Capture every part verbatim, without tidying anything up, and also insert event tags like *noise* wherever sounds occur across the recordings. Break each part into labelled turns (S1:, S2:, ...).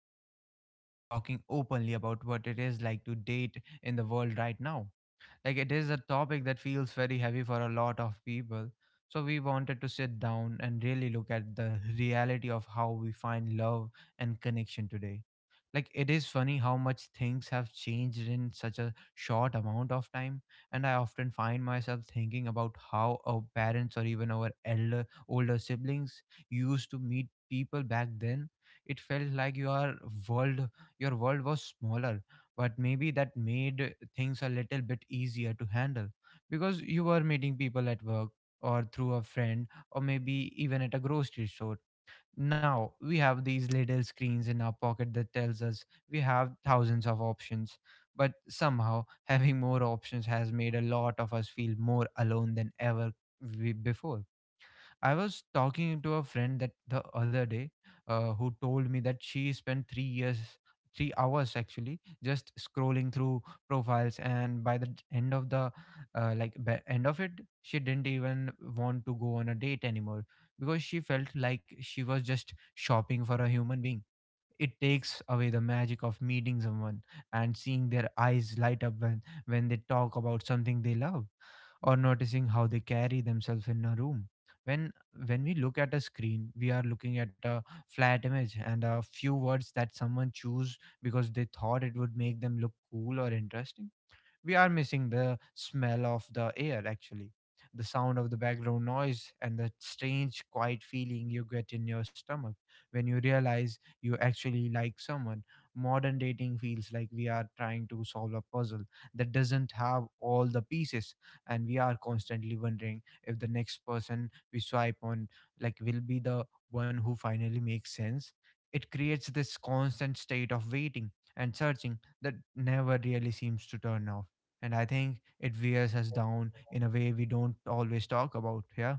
S1: some time today just talking openly about what it is like to date in the world right now. Like it is a topic that feels very heavy for a lot of people. So we wanted to sit down and really look at the reality of how we find love and connection today. Like it is funny how much things have changed in such a short amount of time, and I often find myself thinking about how our parents or even our elder older siblings used to meet people back then. It felt like your world your world was smaller, but maybe that made things a little bit easier to handle because you were meeting people at work or through a friend or maybe even at a grocery store. Now we have these little screens in our pocket that tells us we have thousands of options, but somehow *laughs* having more options has made a lot of us feel more alone than ever. We, before I was talking to a friend that the other day, uh, who told me that she spent three years, three hours actually, just scrolling through profiles, and by the end of the uh, like by end of it, she didn't even want to go on a date anymore because she felt like she was just shopping for a human being. It takes away the magic of meeting someone and seeing their eyes light up when, when they talk about something they love, or noticing how they carry themselves in a room. When when we look at a screen, we are looking at a flat image and a few words that someone chose because they thought it would make them look cool or interesting. We are missing the smell of the air, actually, the sound of the background noise, and the strange, quiet feeling you get in your stomach when you realize you actually like someone. Modern dating feels like we are trying to solve a puzzle that doesn't have all the pieces, and we are constantly wondering if the next person we swipe on like will be the one who finally makes sense. It creates this constant state of waiting and searching that never really seems to turn off, and I think it wears us down in a way we don't always talk about. Yeah.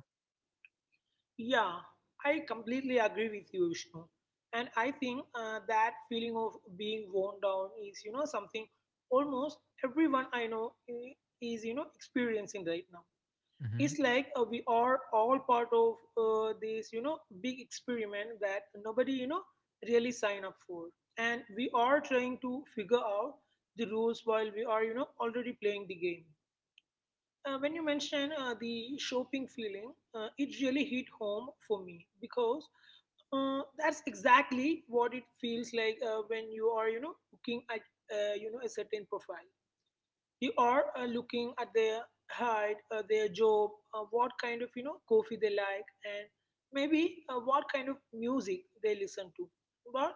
S2: Yeah, I completely agree with you, Vishnu. And I think uh, that feeling of being worn down is, you know, something almost everyone I know i- is, you know, experiencing right now.
S1: Mm-hmm.
S2: It's like uh, we are all part of uh, this, you know, big experiment that nobody, you know, really sign up for. And we are trying to figure out the rules while we are, you know, already playing the game. Uh, when you mention uh, the shopping feeling, uh, it really hit home for me because uh, that's exactly what it feels like uh, when you are, you know, looking at, uh, you know, a certain profile you are uh, looking at their height, uh, their job, uh, what kind of you know coffee they like, and maybe uh, what kind of music they listen to. But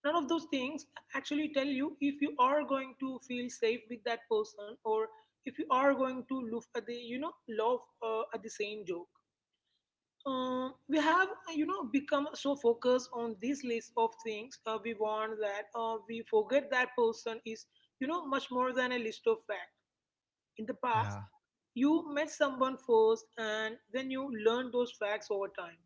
S2: none of those things actually tell you if you are going to feel safe with that person or if you are going to look at the you know love uh, at the same joke. Um, we have uh, you know become so focused on this list of things uh, we want that uh, we forget that person is you know much more than a list of facts in the past,
S1: Yeah.
S2: you met someone first and then you learned those facts over time,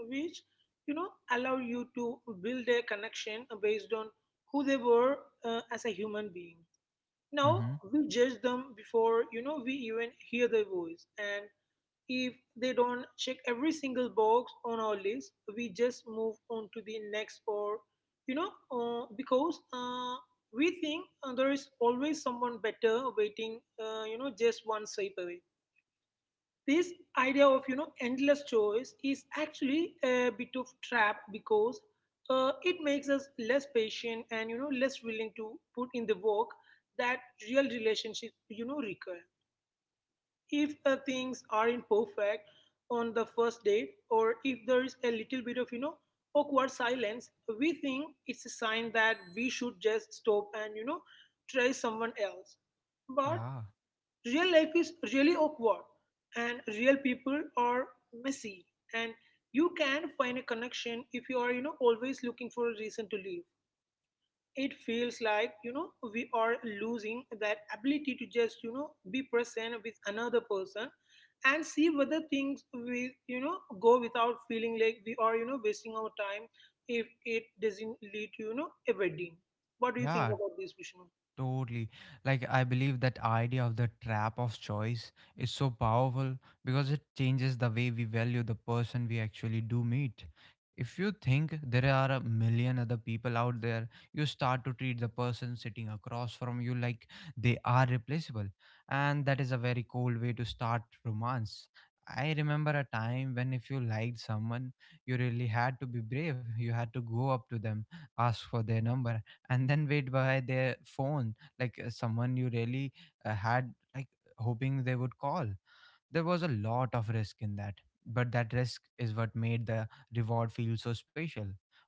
S2: which you know allow you to build a connection based on who they were uh, as a human being. Now
S1: Mm-hmm.
S2: we judge them before you know we even hear their voice, and if they don't check every single box on our list, we just move on to the next or you know uh, because uh, we think uh, there is always someone better waiting, uh, you know, just one swipe away. This idea of you know endless choice is actually a bit of trap because uh, it makes us less patient and you know less willing to put in the work that real relationship you know require if uh, things aren't perfect on the first date or if there is a little bit of you know awkward silence. We think it's a sign that we should just stop and you know try someone else, but
S1: Yeah.
S2: real life is really awkward, and real people are messy, and you can find a connection if you are, you know, always looking for a reason to leave. It feels like, you know, we are losing that ability to just, you know, be present with another person and see whether things will, you know, go without feeling like we are, you know, wasting our time if it doesn't lead to, you know, a wedding. What do you think
S1: Yeah.
S2: about this, Vishnu?
S1: Totally. Like, I believe that idea of the trap of choice is so powerful because it changes the way we value the person we actually do meet. If you think there are a million other people out there, you start to treat the person sitting across from you like they are replaceable. And that is a very cold way to start romance. I remember a time when if you liked someone, you really had to be brave. You had to go up to them, ask for their number, and then wait by their phone like uh, someone you really uh, had like hoping they would call. There was a lot of risk in that, but that risk is what made the reward feel so special.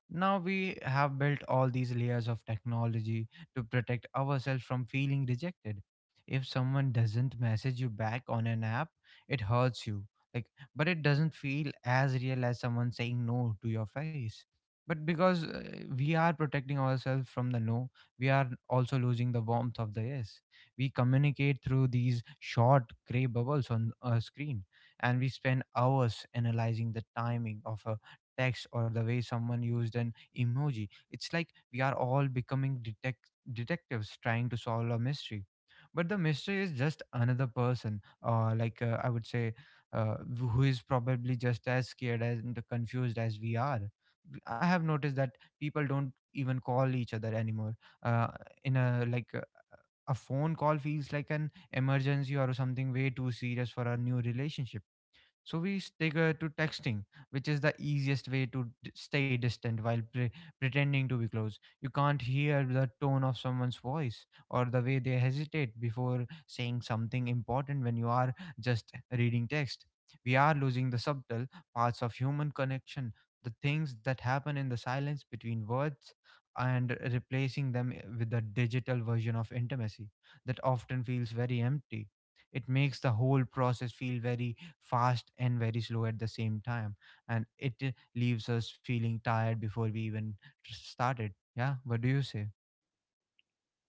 S1: Now we have built all these layers of technology to protect ourselves from feeling rejected. If someone doesn't message you back on an app, it hurts you. Like, but it doesn't feel as real as someone saying no to your face. But because uh, we are protecting ourselves from the no, we are also losing the warmth of the yes. We communicate through these short gray bubbles on a screen, and we spend hours analyzing the timing of a text or the way someone used an emoji. It's like we are all becoming detect- detectives trying to solve a mystery. But the mystery is just another person, or like uh, I would say, uh, who is probably just as scared and confused as we are. I have noticed that people don't even call each other anymore. Uh, in a like uh, A phone call feels like an emergency or something way too serious for a new relationship, so we stick uh, to texting, which is the easiest way to d- stay distant while pre- pretending to be close. You can't hear the tone of someone's voice or the way they hesitate before saying something important when you are just reading text. We are losing the subtle parts of human connection, the things that happen in the silence between words, and replacing them eh, with a digital version of intimacy that often feels very empty. It makes the whole process feel very fast and very slow at the same time, and it uh, leaves us feeling tired before we even tr- started. Yeah, what do you say?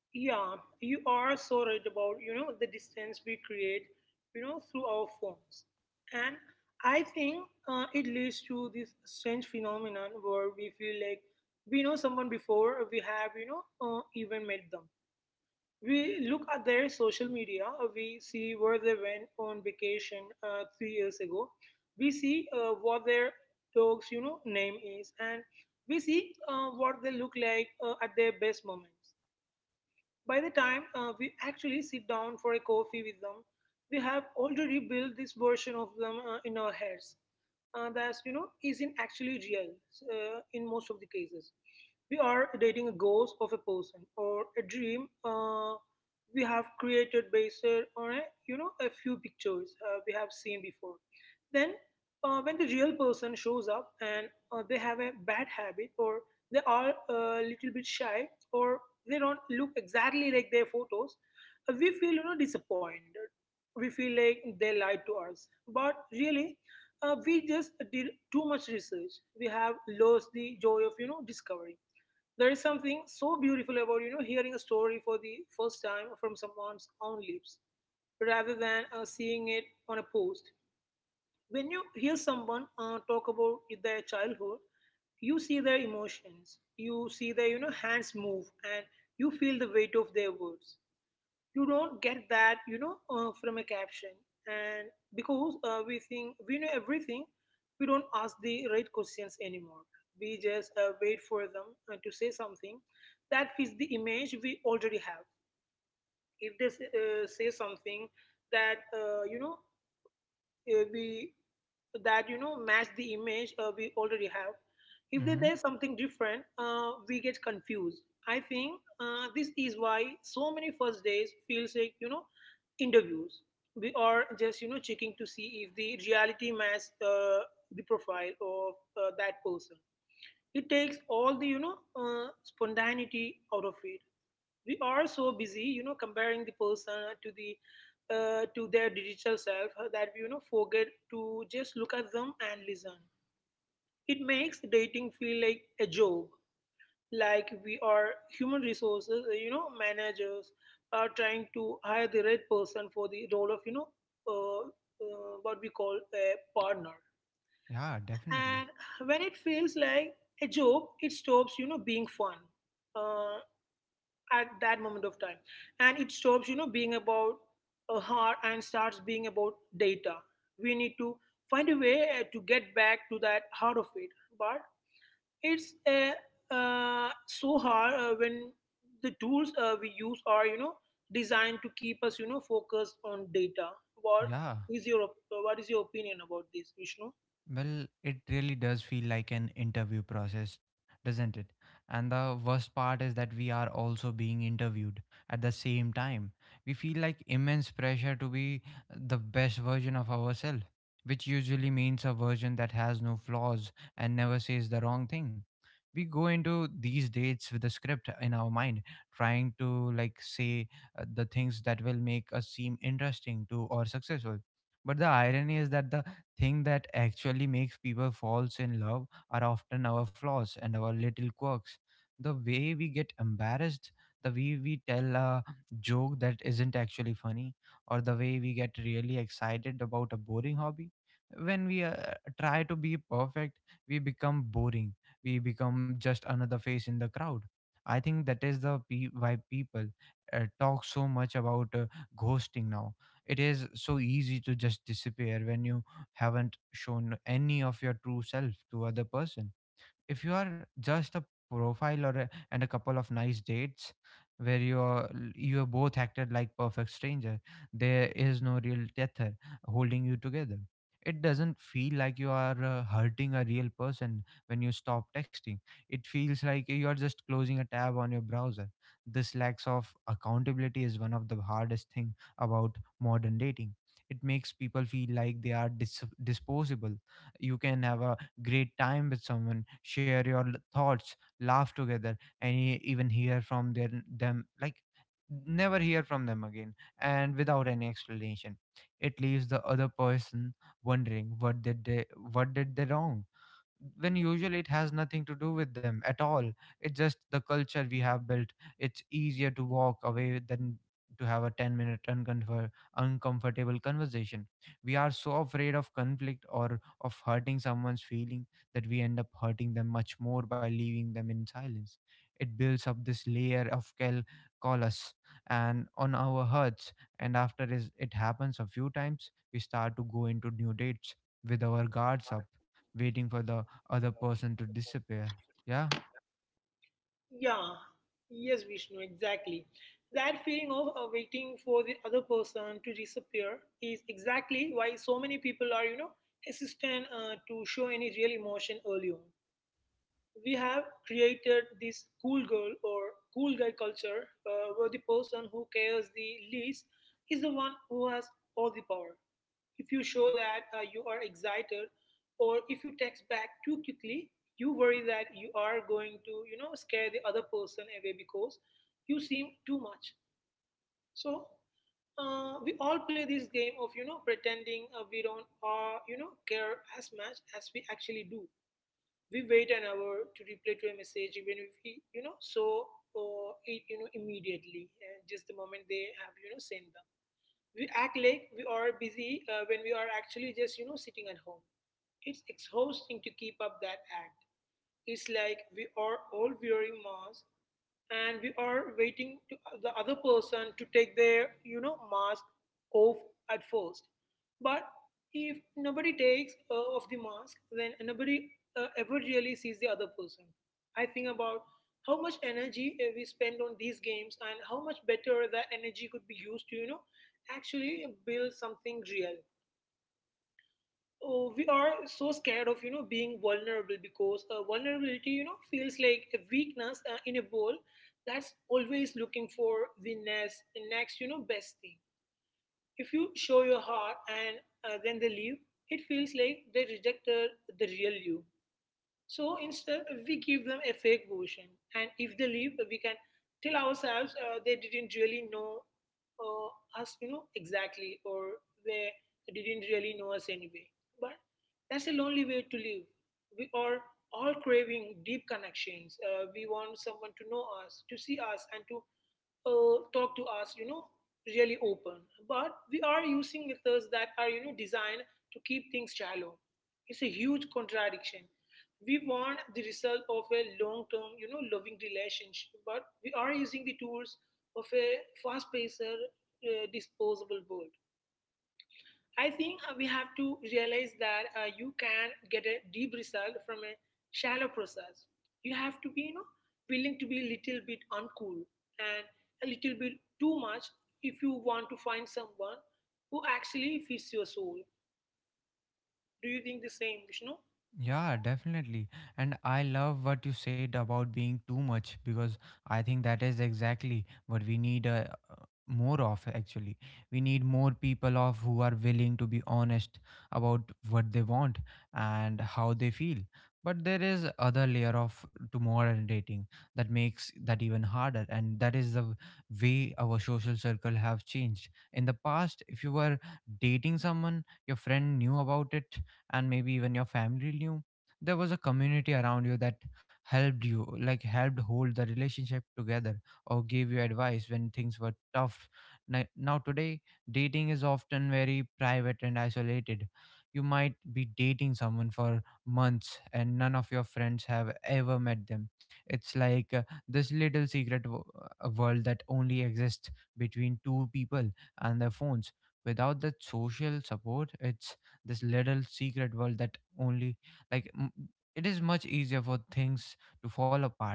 S2: Yeah, you are so right about, you know, the distance we create, you know, through our phones. And I think uh, it leads to this strange phenomenon where we feel like we know someone before we have, you know, uh, even met them. We look at their social media, uh, we see where they went on vacation uh, three years ago. We see uh, what their dog's, you know, name is, and we see uh, what they look like uh, at their best moments. By the time uh, we actually sit down for a coffee with them, we have already built this version of them uh, in our heads. Uh, that you know isn't actually real uh, in most of the cases. We are dating a ghost of a person or a dream uh, we have created based on a, you know a few pictures uh, we have seen before. Then uh, when the real person shows up and uh, they have a bad habit or they are a little bit shy or they don't look exactly like their photos, uh, we feel you know disappointed. We feel like they lied to us. But really, uh, we just did too much research. We have lost the joy of you know discovery. There is something so beautiful about you know hearing a story for the first time from someone's own lips, rather than uh, seeing it on a post. When you hear someone uh, talk about their childhood, you see their emotions, you see their you know hands move, and you feel the weight of their words. You don't get that you know uh, from a caption, and because uh, we think we know everything, we don't ask the right questions anymore. We just uh, wait for them uh, to say something that fits the image we already have. If they say, uh, say something that uh, you know uh, we that you know match the image uh, we already have. If there-
S1: Mm-hmm.
S2: there's something different, uh, we get confused. I think uh, this is why so many first days feels like you know interviews. We are just you know checking to see if the reality matches uh, the profile of uh, that person. It takes all the you know uh, spontaneity out of it. We are so busy you know comparing the person to the uh, to their digital self uh, that we you know forget to just look at them and listen. It makes dating feel like a job, like we are human resources uh, you know managers are trying to hire the right person for the role of you know uh, uh, what we call a partner.
S1: Yeah, definitely.
S2: And when it feels like a job, it stops you know being fun. Uh, at that moment of time, and it stops you know being about a heart and starts being about data. We need to find a way uh, to get back to that heart of it, but it's uh, uh, so hard uh, when the tools uh, we use are you know designed to keep us you know focused on data.
S1: Yeah.
S2: what is your op- what is your opinion about this, Vishnu?
S1: Well, it really does feel like an interview process, doesn't it? And the worst part is that we are also being interviewed at the same time. We feel like immense pressure to be the best version of ourselves, which usually means a version that has no flaws and never says the wrong thing. We go into these dates with the script in our mind, trying to like say uh, the things that will make us seem interesting to or successful. But the irony is that the thing that actually makes people falls in love are often our flaws and our little quirks. The way we get embarrassed, the way we tell a joke that isn't actually funny, or the way we get really excited about a boring hobby. When we uh, try to be perfect, we become boring. We become just another face in the crowd. I think that is the pe- why people uh, talk so much about uh, ghosting now. It is so easy to just disappear when you haven't shown any of your true self to other person. If you are just a profile or a, and a couple of nice dates where you are you are both acted like perfect stranger, there is no real tether holding you together. It doesn't feel like you are uh, hurting a real person when you stop texting. It feels like you are just closing a tab on your browser. This lacks of accountability is one of the hardest thing about modern dating. It makes people feel like they are dis- disposable. You can have a great time with someone, share your l- thoughts, laugh together, and e- even hear from their, them like never hear from them again, and without any explanation. It leaves the other person wondering what did they what did they wrong, when usually it has nothing to do with them at all. It's just the culture we have built. It's easier to walk away than to have a ten minute uncomfort- uncomfortable conversation. We are so afraid of conflict or of hurting someone's feeling that we end up hurting them much more by leaving them in silence. It builds up this layer of cal- callus and on our hearts, and after is it happens a few times we start to go into new dates with our guards up, waiting for the other person to disappear. Yeah.
S2: Yeah, yes, Vishnu, exactly. That feeling of uh, waiting for the other person to disappear is exactly why so many people are, you know, hesitant uh, to show any real emotion early on. We have created this cool girl or cool guy culture uh, where the person who cares the least is the one who has all the power. If you show that uh, you are excited or if you text back too quickly, you worry that you are going to, you know, scare the other person away because you seem too much. So uh, we all play this game of you know pretending uh, we don't uh, you know care as much as we actually do. We wait an hour to reply to a message even if we you know so uh, it you know immediately and just the moment they have you know sent them. We act like we are busy uh, when we are actually just you know sitting at home. It's exhausting to keep up that act. It's like we are all wearing masks, and we are waiting to uh, the other person to take their you know mask off at first. But if nobody takes uh, off the mask, then nobody uh, ever really sees the other person. I think about how much energy uh, we spend on these games and how much better that energy could be used to you know actually build something real. Oh, we are so scared of you know being vulnerable because uh, vulnerability you know feels like a weakness uh, in a world that's always looking for the next the next you know best thing. If you show your heart and uh, then they leave, it feels like they rejected the real you. So instead, we give them a fake version. And if they leave, we can tell ourselves uh, they didn't really know uh, us, you know, exactly, or they didn't really know us anyway. But that's a lonely way to live. We are all craving deep connections. Uh, we want someone to know us, to see us, and to uh, talk to us, you know, really open. But we are using methods that are, you know, designed to keep things shallow. It's a huge contradiction. We want the result of a long-term, you know, loving relationship, but we are using the tools of a fast-paced, uh, disposable world. I think uh, we have to realize that uh, you can get a deep result from a shallow process. You have to be, you know, willing to be a little bit uncool and a little bit too much if you want to find someone who actually fits your soul. Do you think the same, Vishnu?
S1: Yeah, definitely. And I love what you said about being too much because I think that is exactly what we need uh, uh, more of actually. We need more people of who are willing to be honest about what they want and how they feel. But there is other layer of to modern dating that makes that even harder, and that is the w- way our social circle have changed. In the past, if you were dating someone, your friend knew about it, and maybe even your family knew. There was a community around you that helped you like helped hold the relationship together or gave you advice when things were tough. Ni- now today dating is often very private and isolated. You might be dating someone for months and none of your friends have ever met them. It's like uh, this little secret w- uh, world that only exists between two people and their phones. Without that social support, it's this little secret world that only like m- it is much easier for things to fall apart.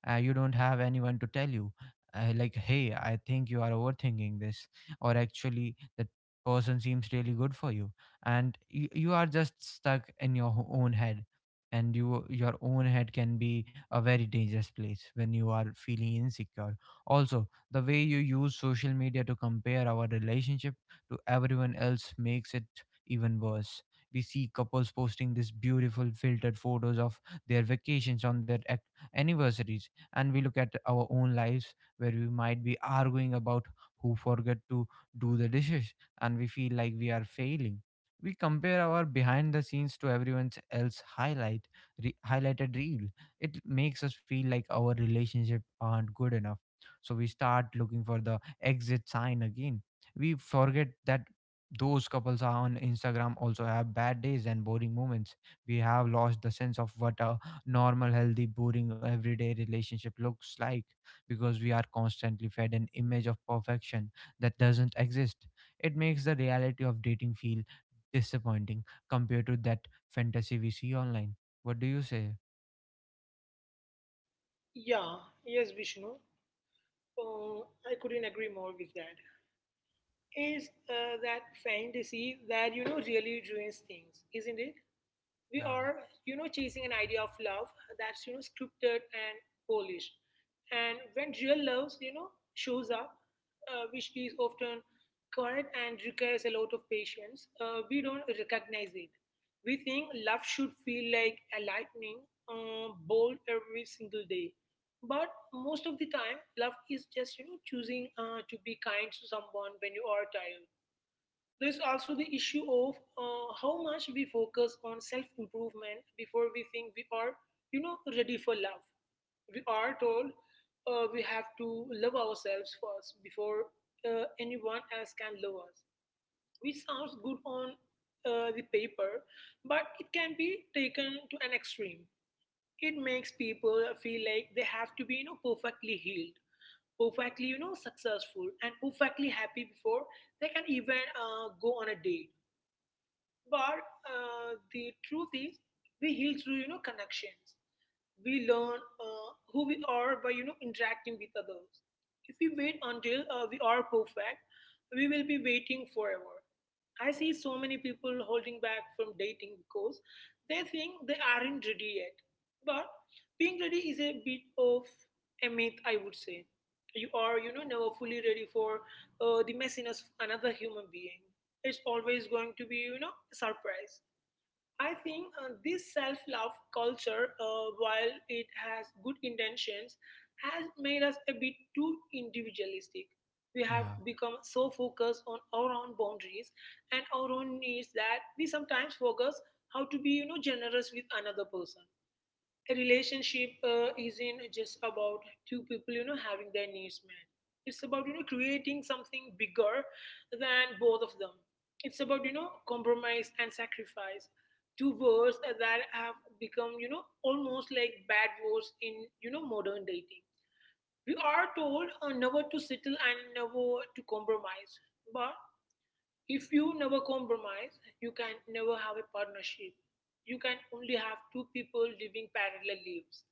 S1: Uh, you don't have anyone to tell you, uh, like, hey, I think you are overthinking this, or actually, that person seems really good for you, and you, you are just stuck in your ho- own head. And you your own head can be a very dangerous place when you are feeling insecure. Also, the way you use social media to compare our relationship to everyone else makes it even worse. We see couples posting these beautiful filtered photos of their vacations on their ac- anniversaries, and we look at our own lives where we might be arguing about who forgot to do the dishes, and we feel like we are failing. We compare our behind the scenes to everyone else highlight re- highlighted reel. It makes us feel like our relationship aren't good enough, so we start looking for the exit sign again. We forget that those couples are on Instagram also have bad days and boring moments. We have lost the sense of what a normal, healthy, boring, everyday relationship looks like, because we are constantly fed an image of perfection that doesn't exist. It makes the reality of dating feel disappointing compared to that fantasy we see online. What do you say?
S2: Yeah, yes, Vishnu. Oh, I couldn't agree more with that. Is uh, that fantasy that you know really ruins things, isn't it? We
S1: Yeah.
S2: are you know chasing an idea of love that's you know scripted and polished. And when real love you know shows up, uh, which is often quiet and requires a lot of patience, uh, we don't recognize it. We think love should feel like a lightning uh, bolt every single day. But most of the time, love is just you know choosing, uh, to be kind to someone when you are tired. There's also the issue of uh, how much we focus on self improvement before we think we are, you know, ready for love. We are told, uh, we have to love ourselves first before uh, anyone else can love us, which sounds good on uh, the paper, but it can be taken to an extreme. It makes people feel like they have to be, you know, perfectly healed, perfectly, you know, successful, and perfectly happy before they can even uh, go on a date. But uh, the truth is, we heal through you know connections. We learn uh, who we are by you know interacting with others. If we wait until uh, we are perfect, we will be waiting forever. I see so many people holding back from dating because they think they aren't ready yet. But being ready is a bit of a myth, I would say. You are, you know, never fully ready for uh, the messiness of another human being. It's always going to be, you know, a surprise. I think uh, this self love culture, uh, while it has good intentions, has made us a bit too individualistic. We have
S1: Yeah.
S2: become so focused on our own boundaries and our own needs that we sometimes focus how to be, you know, generous with another person. A relationship uh, isn't just about two people you know having their needs met. It's about you know creating something bigger than both of them. It's about you know compromise and sacrifice, two words that have become you know almost like bad words in you know modern dating. We are told, uh, never to settle and never to compromise. But if you never compromise, you can never have a partnership. You can only have two people living parallel lives.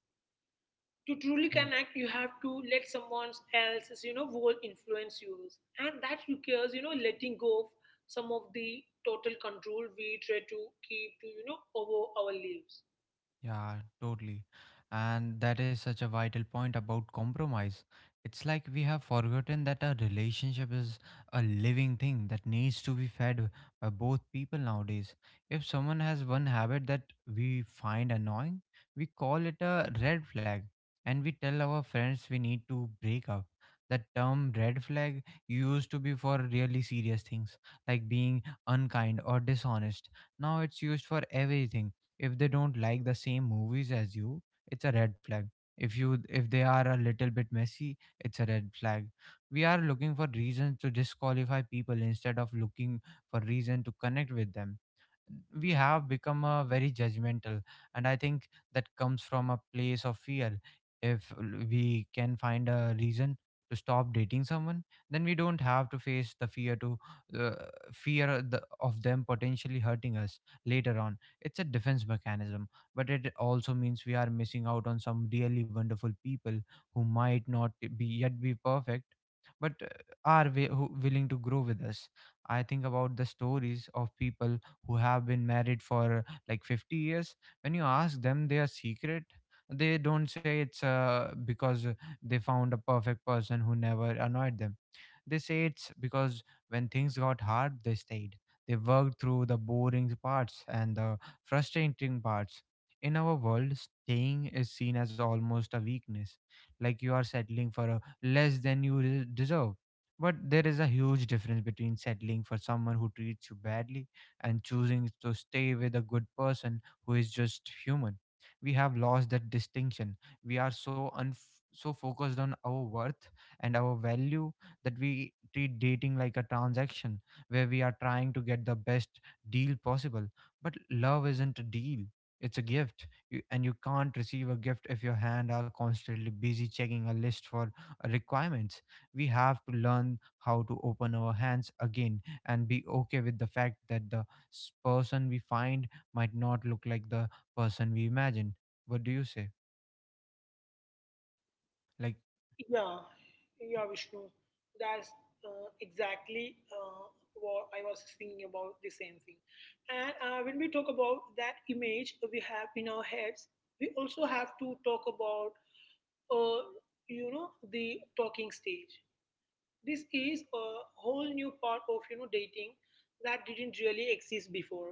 S2: To truly
S1: Yeah.
S2: connect, you have to let someone else's you know world influence yours, and that requires you know letting go of some of the total control we try to keep to you know over our lives.
S1: Yeah, totally. And that is such a vital point about compromise. It's like we have forgotten that a relationship is a living thing that needs to be fed by both people nowadays. If someone has one habit that we find annoying, we call it a red flag, and we tell our friends we need to break up. That term red flag used to be for really serious things like being unkind or dishonest. Now it's used for everything. If they don't like the same movies as you, it's a red flag. If you if they are a little bit messy, it's a red flag. We are looking for reasons to disqualify people instead of looking for reason to connect with them. We have become uh, very judgmental, and I think that comes from a place of fear. If l- we can find a reason to stop dating someone, then we don't have to face the fear to uh, fear the, of them potentially hurting us later on. It's a defense mechanism, but it also means we are missing out on some really wonderful people who might not be yet be perfect, but uh, are wi- who willing to grow with us. I think about the stories of people who have been married for like fifty years. When you ask them their secret, they don't say it's uh, because they found a perfect person who never annoyed them. They say it's because when things got hard, they stayed. They worked through the boring parts and the frustrating parts. In our world, staying is seen as almost a weakness, like you are settling for a less than you re- deserve. But there is a huge difference between settling for someone who treats you badly and choosing to stay with a good person who is just human. We have lost that distinction. We are so unf- so focused on our worth and our value that we treat dating like a transaction where we are trying to get the best deal possible. But love isn't a deal, it's a gift. You, and you can't receive a gift if your hand are constantly busy checking a list for uh, requirements. We have to learn how to open our hands again and be okay with the fact that the s- person we find might not look like the person we imagined. What do you say? Like,
S2: Yeah, yeah, Vishnu, that's uh, exactly uh, what I was thinking about the same thing. And uh, when we talk about that image we have in our heads, we also have to talk about, uh, you know the talking stage. This is a whole new part of you know dating that didn't really exist before.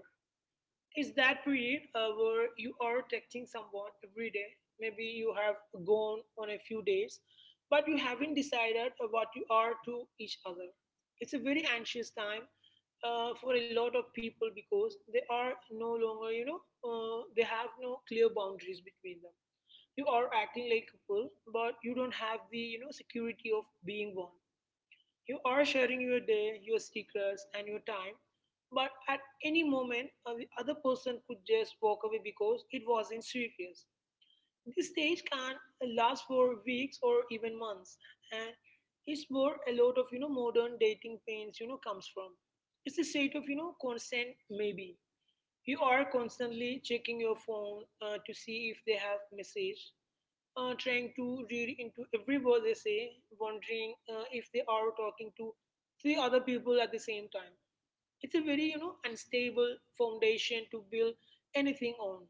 S2: It's that period uh, where you are texting someone every day. Maybe you have gone on a few days, but you haven't decided what you are to each other. It's a very anxious time uh, for a lot of people because they are no longer, you know, uh, they have no clear boundaries between them. You are acting like a couple, but you don't have the, you know, security of being one. You are sharing your day, your secrets, and your time, but at any moment, uh, the other person could just walk away because it wasn't serious. This stage can last for weeks or even months, and it's where a lot of you know modern dating pains you know comes from. It's a state of you know consent maybe. You are constantly checking your phone uh, to see if they have message, uh, trying to read into every word they say, wondering uh, if they are talking to three other people at the same time. It's a very, you know, unstable foundation to build anything on.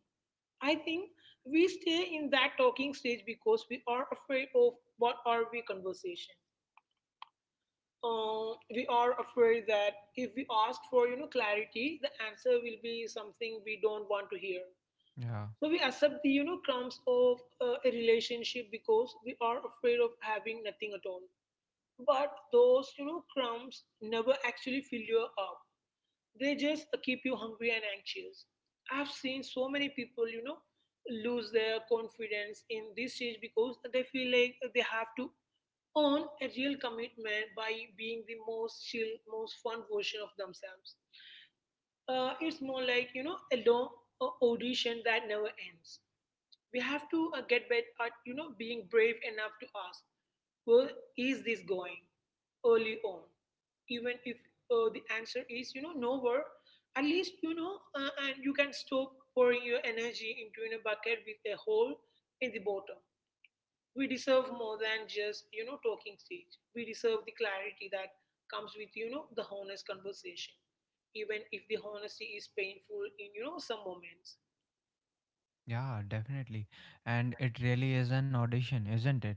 S2: I think we stay in that talking stage because we are afraid of what are we conversation. Uh, we are afraid that if we ask for, you know, clarity, the answer will be something we don't want to hear.
S1: yeah.
S2: So we accept the you know crumbs of uh, a relationship because we are afraid of having nothing at all. But those you know crumbs never actually fill you up. They just uh, keep you hungry and anxious. I've seen so many people you know lose their confidence in this stage because they feel like they have to earn a real commitment by being the most chill, most fun version of themselves. Uh, it's more like you know a long uh, audition that never ends. We have to uh, get better at you know being brave enough to ask, where is this going, early on, even if uh, the answer is you know nowhere. At least you know, uh, and you can stop pouring your energy into in a bucket with a hole in the bottom. We deserve more than just you know talking stage. We deserve the clarity that comes with you know the honest conversation, even if the honesty is painful in you know some moments.
S1: Yeah, definitely. And it really is an audition, isn't it?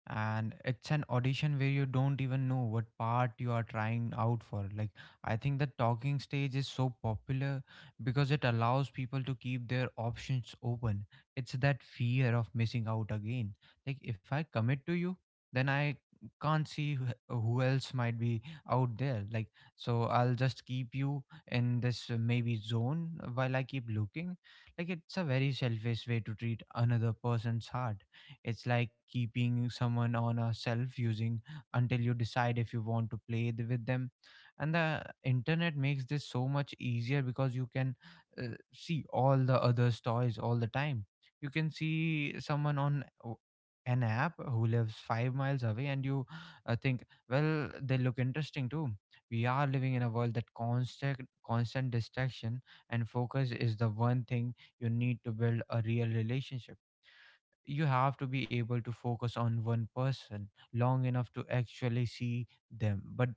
S1: And it's an audition where you don't even know what part you are trying out for. Like, I think the talking stage is so popular because it allows people to keep their options open. It's that fear of missing out again. Like, if I commit to you, then I can't see who who else might be out there. Like, so I'll just keep you in this uh, maybe zone while I keep looking. Like, it's a very selfish way to treat another person's heart. It's like keeping someone on a self using until you decide if you want to play th- with them. And the internet makes this so much easier because you can uh, see all the others' toys all the time. You can see someone on o- an app who lives five miles away, and you uh, think, well, they look interesting too. We are living in a world that constant constant distraction, and focus is the one thing you need to build a real relationship. You have to be able to focus on one person long enough to actually see them, but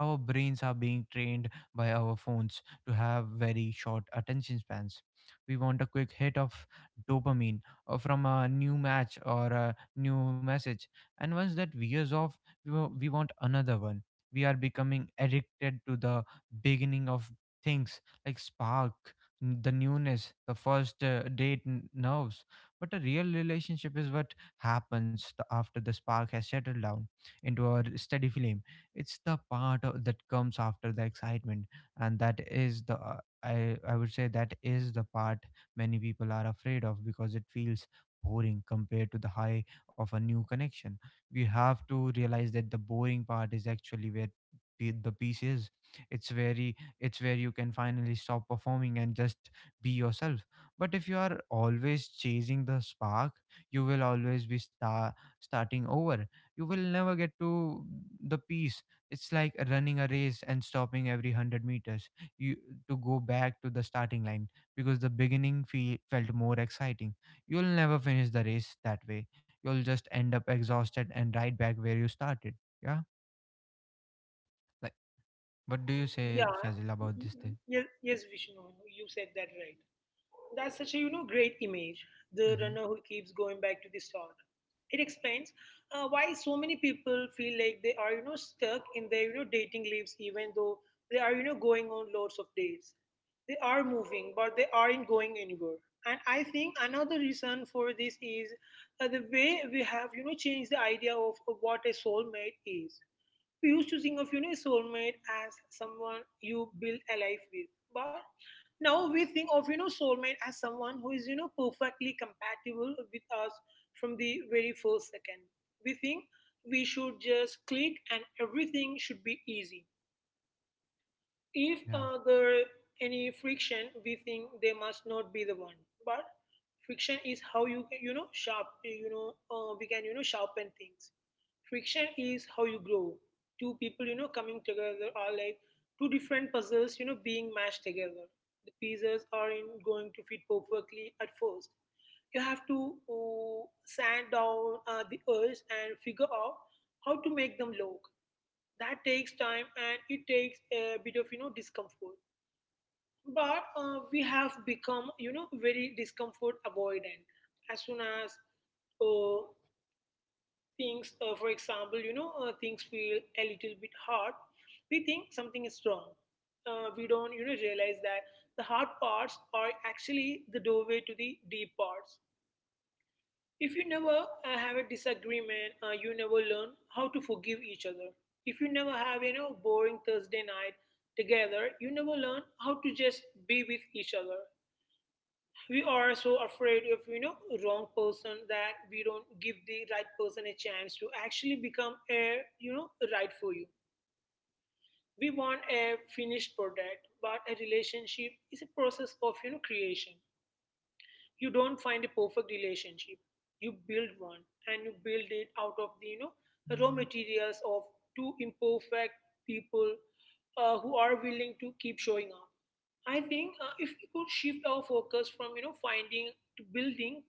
S1: our brains are being trained by our phones to have very short attention spans. We want a quick hit of dopamine uh, from a new match or a new message, and once that wears off, we, wa- we want another one. We are becoming addicted to the beginning of things like spark, n- the newness, the first uh, date n- nerves. But a real relationship is what happens the, after the spark has settled down into a r- steady flame. It's the part of, that comes after the excitement, and that is the uh, I I would say that is the part many people are afraid of because it feels boring compared to the high of a new connection. We have to realize that the boring part is actually where pe- the piece is. It's very, it's where you can finally stop performing and just be yourself. But if you are always chasing the spark, you will always be star- starting over. You will never get to the peace. It's like running a race and stopping every one hundred meters you, to go back to the starting line because the beginning feel, felt more exciting. You'll never finish the race that way. You'll just end up exhausted and right back where you started. Yeah. Like, what do you
S2: Yeah,
S1: say, Fazil, about this thing?
S2: yes, yes, Vishnu, you said that right. That's such a you know great image. The
S1: Mm-hmm.
S2: runner who keeps going back to the start. It explains uh, why so many people feel like they are you know stuck in their you know dating lives, even though they are you know going on lots of dates. They are moving, but they aren't going anywhere. And I think another reason for this is uh, the way we have you know changed the idea of what a soulmate is. We used to think of you know soulmate as someone you build a life with, but now we think of you know soulmate as someone who is you know perfectly compatible with us from the very first second. We think we should just click and everything should be easy. If
S1: Yeah.
S2: uh, there any friction, we think they must not be the one. But friction is how you can, you know sharp you know uh, we can you know sharpen things. Friction is how you grow. Two people you know coming together are like two different puzzles you know being mashed together. The pieces are in going to fit perfectly at first. You have to uh, sand down uh, the earth and figure out how to make them look. That takes time, and it takes a bit of you know discomfort. But uh, we have become you know very discomfort avoidant. As soon as uh, things, uh, for example you know uh, things feel a little bit hard, we think something is wrong. Uh, we don't you know realize that the hard parts are actually the doorway to the deep parts. If you never uh, have a disagreement, uh, you never learn how to forgive each other. If you never have you know boring Thursday night together, you never learn how to just be with each other. We are so afraid of you know wrong person that we don't give the right person a chance to actually become a you know right for you. We want a finished product, but a relationship is a process of you know creation. You don't find a perfect relationship, you build one. And you build it out of the you know raw materials of two imperfect people, uh, who are willing to keep showing up. I think uh, if we could shift our focus from you know finding to building,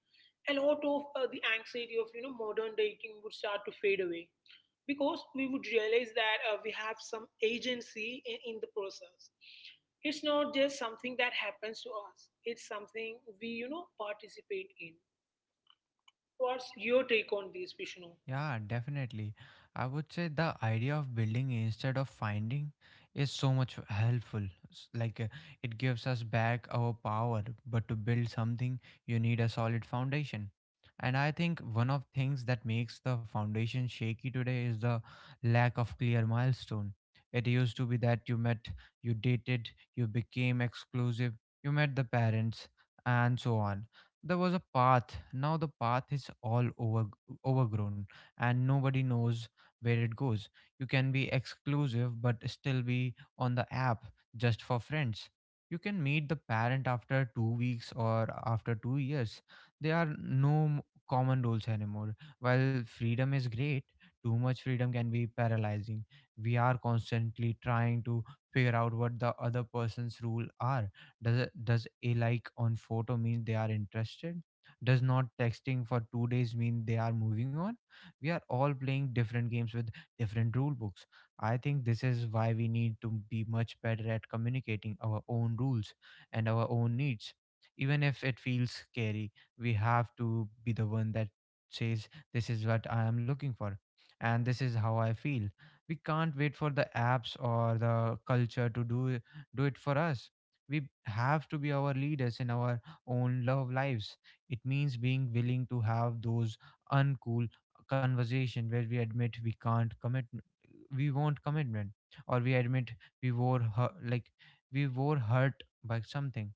S2: a lot of uh, the anxiety of you know modern dating would start to fade away. Because we would realize that uh, we have some agency in, in the process. It's not just something that happens to us, it's something we you know participate in. What's your take on this, Vishnu?
S1: Yeah, definitely. I would say the idea of building instead of finding is so much helpful. S- Like uh, it gives us back our power, but to build something, you need a solid foundation. And I think one of things that makes the foundation shaky today is the lack of clear milestone. It used to be that you met, you dated, you became exclusive, you met the parents, and so on. There was a path. Now the path is all over overgrown, and nobody knows where it goes. You can be exclusive but still be on the app just for friends. You can meet the parent after two weeks or after two years. There are no m- common rules anymore. While freedom is great, too much freedom can be paralyzing. We are constantly trying to figure out what the other person's rule are. Does it, does a like on photo mean they are interested? Does not texting for two days mean they are moving on? We are all playing different games with different rule books. I think this is why we need to be much better at communicating our own rules and our own needs, even if it feels scary. We have to be the one that says, this is what I am looking for, and this is how I feel. We can't wait for the apps or the culture to do it- do it for us. We have to be our leaders in our own love lives. It means being willing to have those uncool conversation where we admit we can't commit, we want commitment, or we admit we were hurt, like we were hurt by something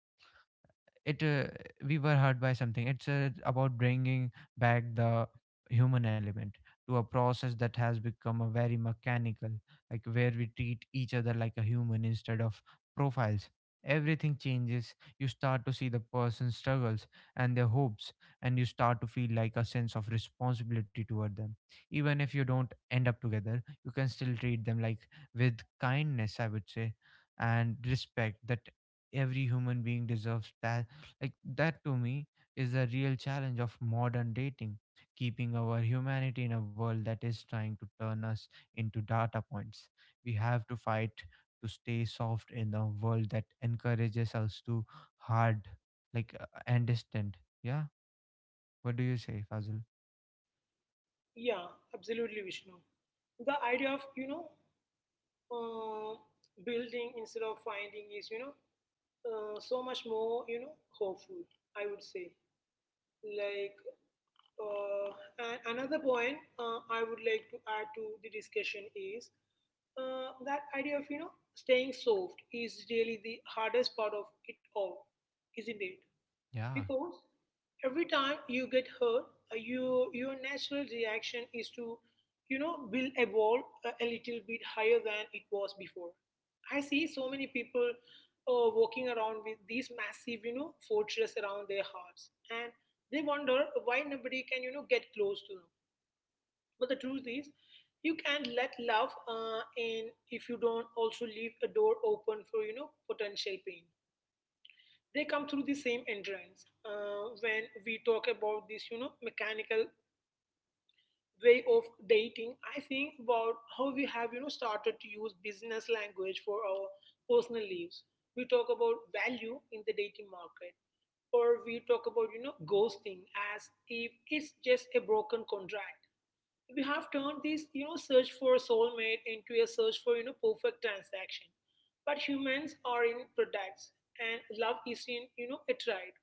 S1: it uh, we were hurt by something. It's uh, about bringing back the human element to a process that has become a very mechanical, like where we treat each other like a human instead of profiles. Everything changes. You start to see the person's struggles and their hopes, and you start to feel like a sense of responsibility toward them. Even if you don't end up together, you can still treat them like with kindness, I would say, and respect that every human being deserves that. Like, that to me is a real challenge of modern dating, keeping our humanity in a world that is trying to turn us into data points. We have to fight to stay soft in a world that encourages us to hard, like uh, and distant. Yeah. What do you say, Fazil?
S2: Yeah, absolutely, Vishnu. The idea of you know uh, building instead of finding is, you know uh, so much more you know hopeful, I would say. Like uh, and another point uh, I would like to add to the discussion is uh, that idea of you know staying soft is really the hardest part of it all, isn't it?
S1: Yeah,
S2: Because every time you get hurt, uh, you your natural reaction is to you know will evolve a, a little bit higher than it was before. I see so many people uh, walking around with these massive you know fortress around their hearts, and they wonder why nobody can you know get close to them. But the truth is, you can't let love uh, in if you don't also leave a door open for you know potential pain. They come through the same entrance. Uh, when we talk about this, you know, mechanical way of dating, I think about how we have, you know, started to use business language for our personal lives. We talk about value in the dating market, or we talk about, you know, ghosting as if it's just a broken contract. We have turned this, you know, search for a soulmate into a search for, you know, perfect transaction. But humans are in products, and love is in, you know, a trade.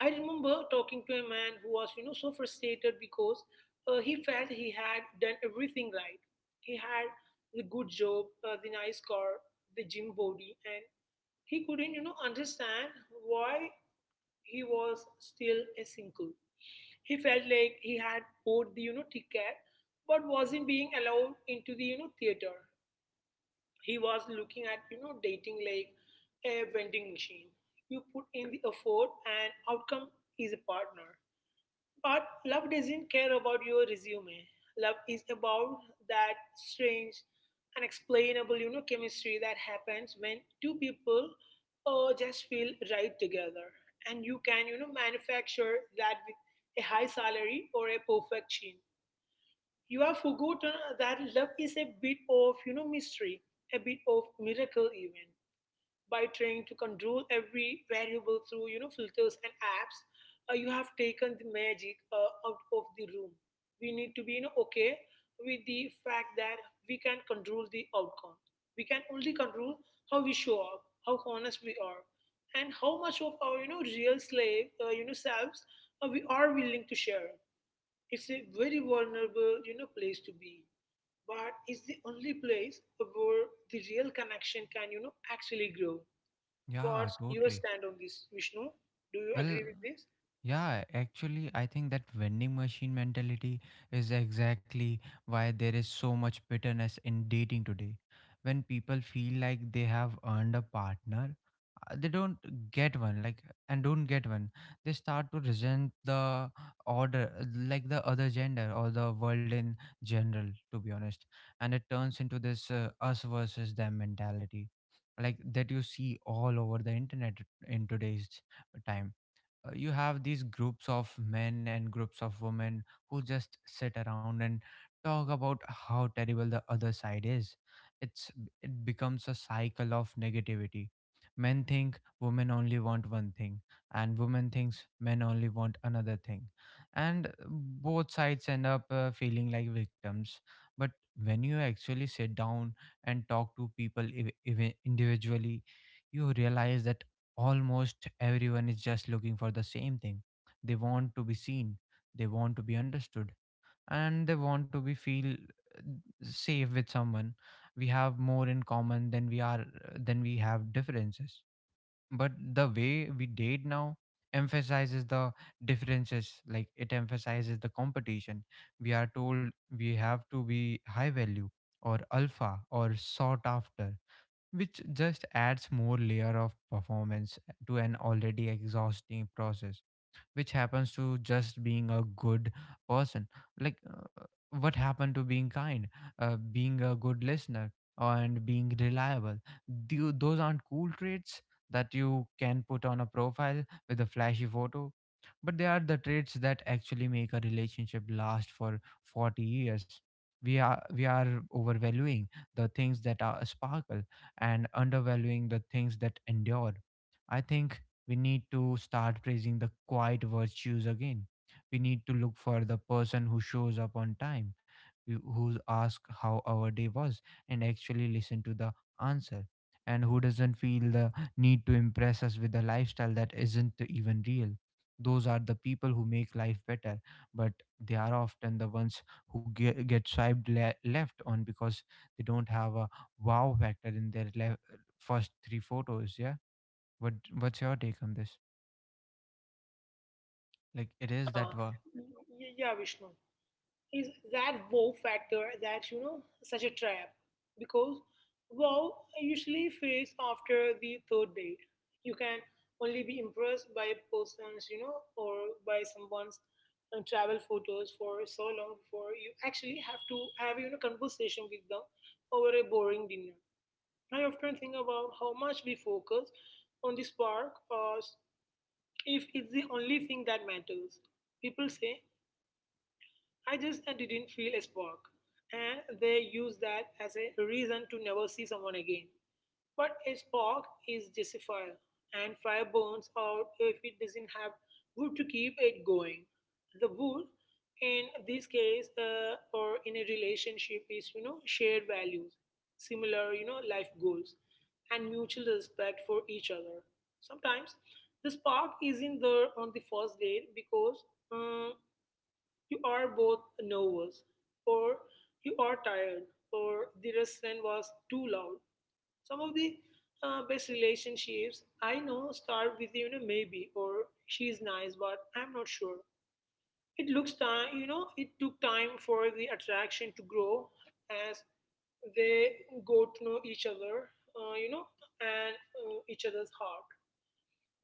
S2: I remember talking to a man who was, you know, so frustrated because uh, he felt he had done everything right. He had the good job, uh, the nice car, the gym body, and he couldn't, you know, understand why he was still a single. He felt like he had bought the, you know, ticket, but wasn't being allowed into the, you know, theater. He was looking at, you know, dating like a vending machine. You put in the effort, and outcome is a partner. But love doesn't care about your resume. Love is about that strange, unexplainable, you know, chemistry that happens when two people uh, just feel right together. And you can, you know, manufacture that with a high salary or a perfect chin. You have forgotten that love is a bit of, you know, mystery, a bit of miracle even. By trying to control every variable through you know filters and apps, uh, you have taken the magic uh, out of the room. We need to be you know okay with the fact that we can control the outcome. We can only control how we show up, how honest we are, and how much of our you know real slave, uh, you know selves uh, we are willing to share. It's a very vulnerable you know place to be, but it's the only place where the real connection can you know actually grow.
S1: yeah,
S2: What's your
S1: totally.
S2: stand on this, Vishnu? Do you
S1: Well,
S2: agree with this?
S1: yeah, actually, I think that vending machine mentality is exactly why there is so much bitterness in dating today. When people feel like they have earned a partner, uh, they don't get one, like, and don't get one. They start to resent the order, uh, like the other gender or the world in general, to be honest. And it turns into this uh, us versus them mentality, like that you see all over the internet in today's time. Uh, you have these groups of men and groups of women who just sit around and talk about how terrible the other side is. It's it becomes a cycle of negativity. Men think women only want one thing, and women thinks men only want another thing, and both sides end up uh, feeling like victims. But when you actually sit down and talk to people ev- even individually, you realize that almost everyone is just looking for the same thing. They want to be seen, they want to be understood, and they want to be feel uh, safe with someone. We have more in common than we are than we have differences. But the way we date now emphasizes the differences, like it emphasizes the competition. We are told we have to be high value or alpha or sought after, which just adds more layer of performance to an already exhausting process, which happens to just being a good person. like uh, what happened to being kind, uh, being a good listener, and being reliable? Tho- those aren't cool traits that you can put on a profile with a flashy photo, but they are the traits that actually make a relationship last for forty years. We are we are overvaluing the things that are sparkle and undervaluing the things that endure. I think we need to start praising the quiet virtues again. We need to look for the person who shows up on time, who who asks how our day was, and actually listen to the answer, and who doesn't feel the need to impress us with a lifestyle that isn't even real. Those are the people who make life better, but they are often the ones who get, get swiped le- left on because they don't have a wow factor in their le- first three photos. Yeah. What what's your take on this? Like it is
S2: Yeah,
S1: that wa-
S2: Y- yeah, Vishnu. Is that wow factor that you know such a trap? Because wow usually fades after the third date. You can only be impressed by a person's you know or by someone's uh, travel photos for so long before you actually have to have you know conversation with them over a boring dinner. I often think about how much we focus on the spark, uh, if it's the only thing that matters. People say I just uh, didn't feel a spark. And they use that as a reason to never see someone again. But a spark is just a fire, and fire burns out if it doesn't have wood to keep it going. The wood, in this case, uh, or in a relationship, is you know shared values, similar you know life goals, and mutual respect for each other. Sometimes the spark isn't there on the first date because, um, you are both nervous, or you are tired, or the restaurant was too loud. Some of the uh, best relationships I know start with, you know maybe, or she's nice but I'm not sure. It looks time you know It took time for the attraction to grow as they go to know each other, uh, you know, and uh, each other's heart.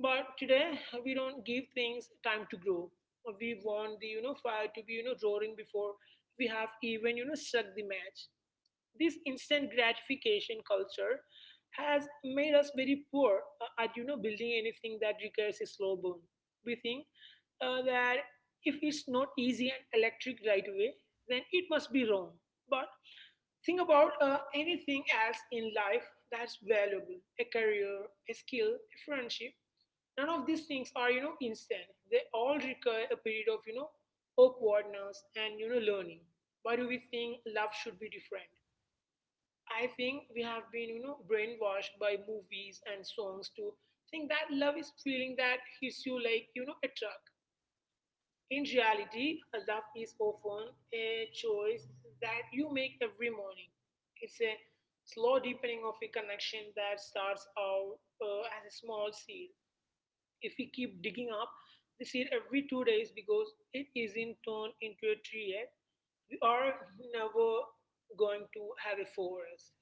S2: But today we don't give things time to grow. We want the you know fire to be you know roaring before we have even you know struck the match. This instant gratification culture has made us very poor uh, at you know building anything that requires a slow burn. We think uh, that if it's not easy and electric right away, then it must be wrong. But think about uh, anything else in life that's valuable: a career, a skill, a friendship. None of these things are, you know, instant. They all require a period of, you know, awkwardness and, you know, learning. Why do we think love should be different? I think we have been, you know, brainwashed by movies and songs to think that love is feeling that hits you like, you know, a truck. In reality, love is often a choice that you make every morning. It's a slow deepening of a connection that starts out uh, as a small seed. If we keep digging up the seed every two days because it isn't turned into a tree yet, we are never going to have a forest,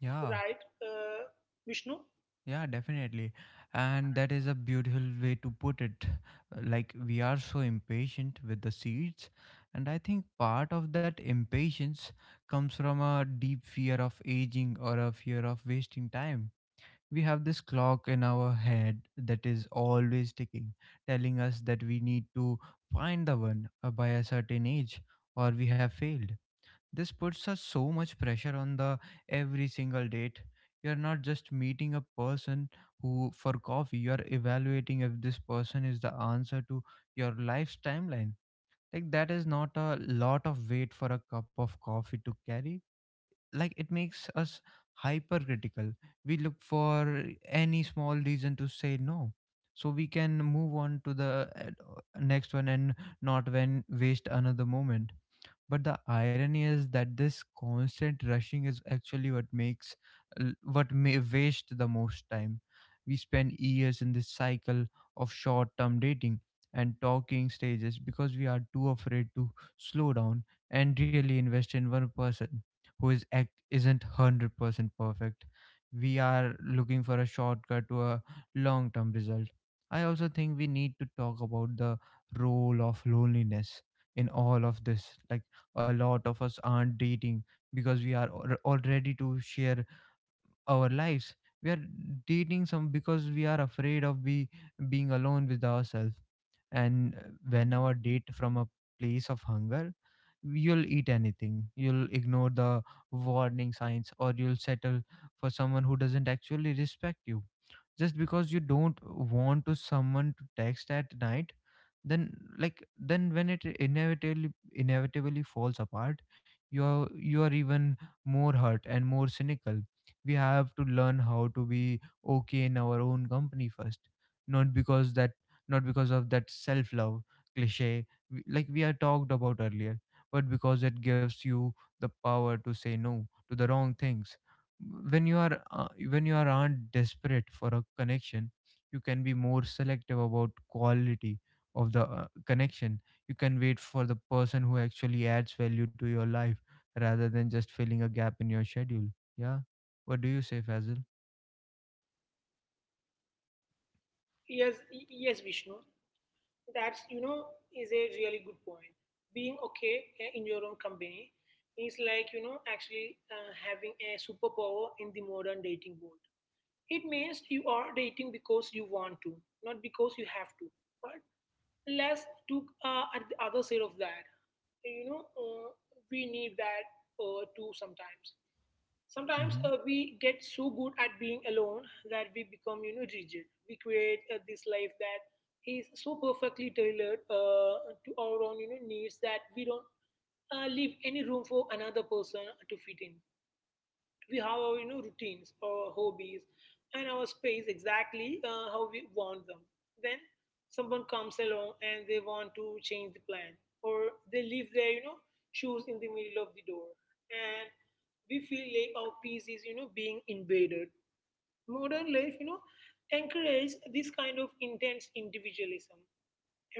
S1: Yeah,
S2: right, uh, Vishnu?
S1: yeah, definitely. And that is a beautiful way to put it. Like we are so impatient with the seeds, and I think part of that impatience comes from a deep fear of aging or a fear of wasting time. We have this clock in our head that is always ticking, telling us that we need to find the one uh, by a certain age or we have failed. This puts us so much pressure on the every single date. You're not just meeting a person who for coffee, you're evaluating if this person is the answer to your life's timeline. Like that is not a lot of weight for a cup of coffee to carry. Like it makes us hypercritical. We look for any small reason to say no. So we can move on to the uh, next one and not when waste another moment. But the irony is that this constant rushing is actually what makes l- what may waste the most time. We spend years in this cycle of short term dating and talking stages because we are too afraid to slow down and really invest in one person who is act isn't one hundred percent perfect. We are looking for a shortcut to a long term result. I also think we need to talk about the role of loneliness in all of this. Like a lot of us aren't dating because we are al- already to share our lives. We are dating some because we are afraid of be being alone with ourselves. And uh, when our date from a place of hunger, you'll eat anything, you'll ignore the warning signs, or you'll settle for someone who doesn't actually respect you just because you don't want to someone to text at night. Then like then when it inevitably inevitably falls apart, you are you are even more hurt and more cynical. We have to learn how to be okay in our own company first, not because that not because of that self love cliche w- like we had talked about earlier, but because it gives you the power to say no to the wrong things. When you are uh, when you are aren't desperate for a connection, you can be more selective about quality of the uh, connection. You can wait for the person who actually adds value to your life rather than just filling a gap in your schedule. Yeah, what do you say, Fazil?
S2: Yes, yes, Vishnu. That's, you know, is a really good point. Being okay uh, in your own company is like, you know, actually uh, having a superpower in the modern dating world. It means you are dating because you want to, not because you have to. But let's look uh, at the other side of that. You know, uh, we need that uh, too sometimes. Sometimes
S1: Mm-hmm.
S2: uh, we get so good at being alone that we become, you know, rigid. We create uh, this life that is so perfectly tailored uh, to our own, you know, needs that we don't uh, leave any room for another person to fit in. We have our you know routines, our hobbies, and our space exactly uh, how we want them. Then someone comes along and they want to change the plan, or they leave their you know shoes in the middle of the door, and we feel like our peace is you know being invaded. Modern life, you know, encourages this kind of intense individualism.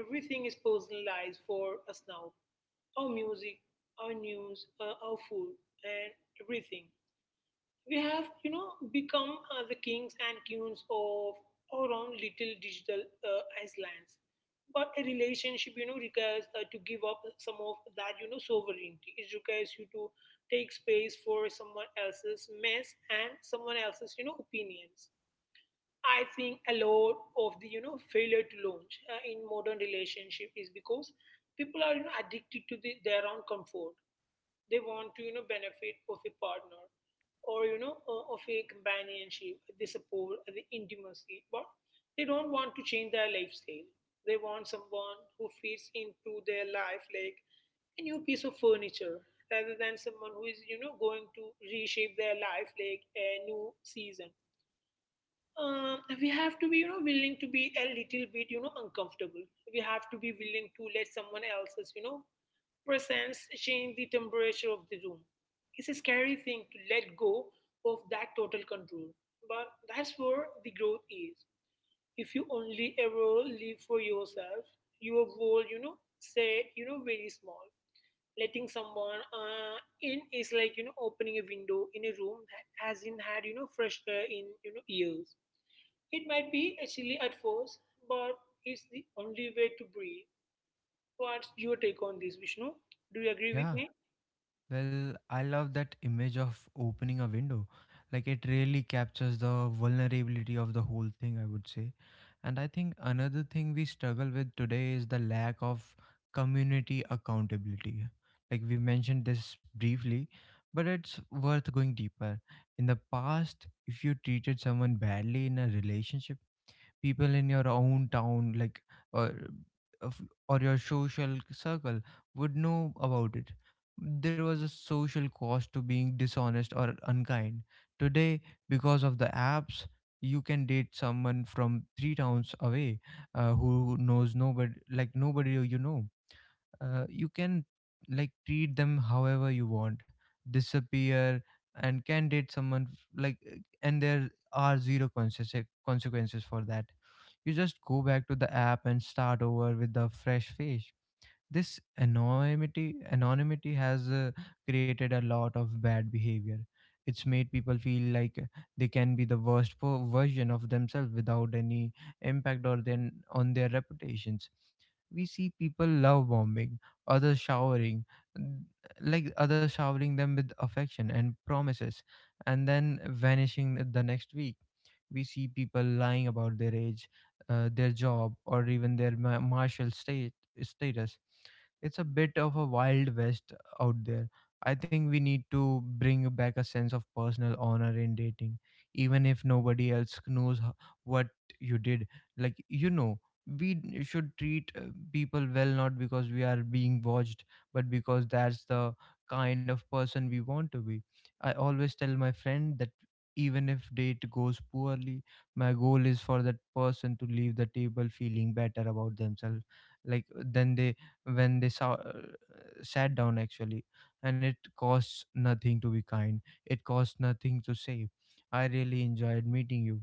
S2: Everything is personalized for us now: our music, our news, uh, our food, and everything. We have you know become uh, the kings and queens of our own little digital uh, islands. But a relationship you know requires uh, to give up some of that you know sovereignty. It requires you to take space for someone else's mess and someone else's you know opinions. I think a lot of the you know failure to launch uh, in modern relationship is because people are you know addicted to the, their own comfort. They want to you know benefit of a partner, or you know o- of a companionship, the support, uh, the intimacy, but they don't want to change their lifestyle. They want someone who fits into their life like a new piece of furniture, rather than someone who is you know going to reshape their life like a new season. Um, we have to be you know willing to be a little bit you know uncomfortable. We have to be willing to let someone else's you know presence change the temperature of the room. It's a scary thing to let go of that total control, but that's where the growth is. If you only ever live for yourself, your world you know say you know very small. Letting someone uh, in is like you know opening a window in a room that hasn't had you know fresh air in you know years. It might be silly at first, but it's the only way to breathe. What's your take on this, Vishnu? Do you agree with
S1: Yeah.
S2: me?
S1: Well, I love that image of opening a window. Like it really captures the vulnerability of the whole thing, I would say. And I think another thing we struggle with today is the lack of community accountability. Like we mentioned this briefly, but it's worth going deeper. In the past, if you treated someone badly in a relationship, people in your own town, like, or of- or your social circle, would know about it. There was a social cost to being dishonest or unkind. Today, because of the apps, you can date someone from three towns away, uh, who knows nobody, like nobody you know. Uh, you can like treat them however you want, disappear, and can date someone f- like uh, and there are zero consequences consequences for that. You just go back to the app and start over with the fresh face. This anonymity anonymity has uh, created a lot of bad behavior. It's made people feel like they can be the worst po- version of themselves without any impact or then on their reputations. We see people love bombing, others showering, n- like others showering them with affection and promises, and then vanishing the next week. We see people lying about their age, uh, their job, or even their ma- martial state status. It's a bit of a wild west out there. I think we need to bring back a sense of personal honor in dating, even if nobody else knows ho- what you did. Like, you know, we d- should treat uh, people well not because we are being watched, but because that's the kind of person we want to be. I always tell my friend that even if date goes poorly, my goal is for that person to leave the table feeling better about themselves like then they when they saw uh, sat down actually. And it costs nothing to be kind. It costs nothing to say, I really enjoyed meeting you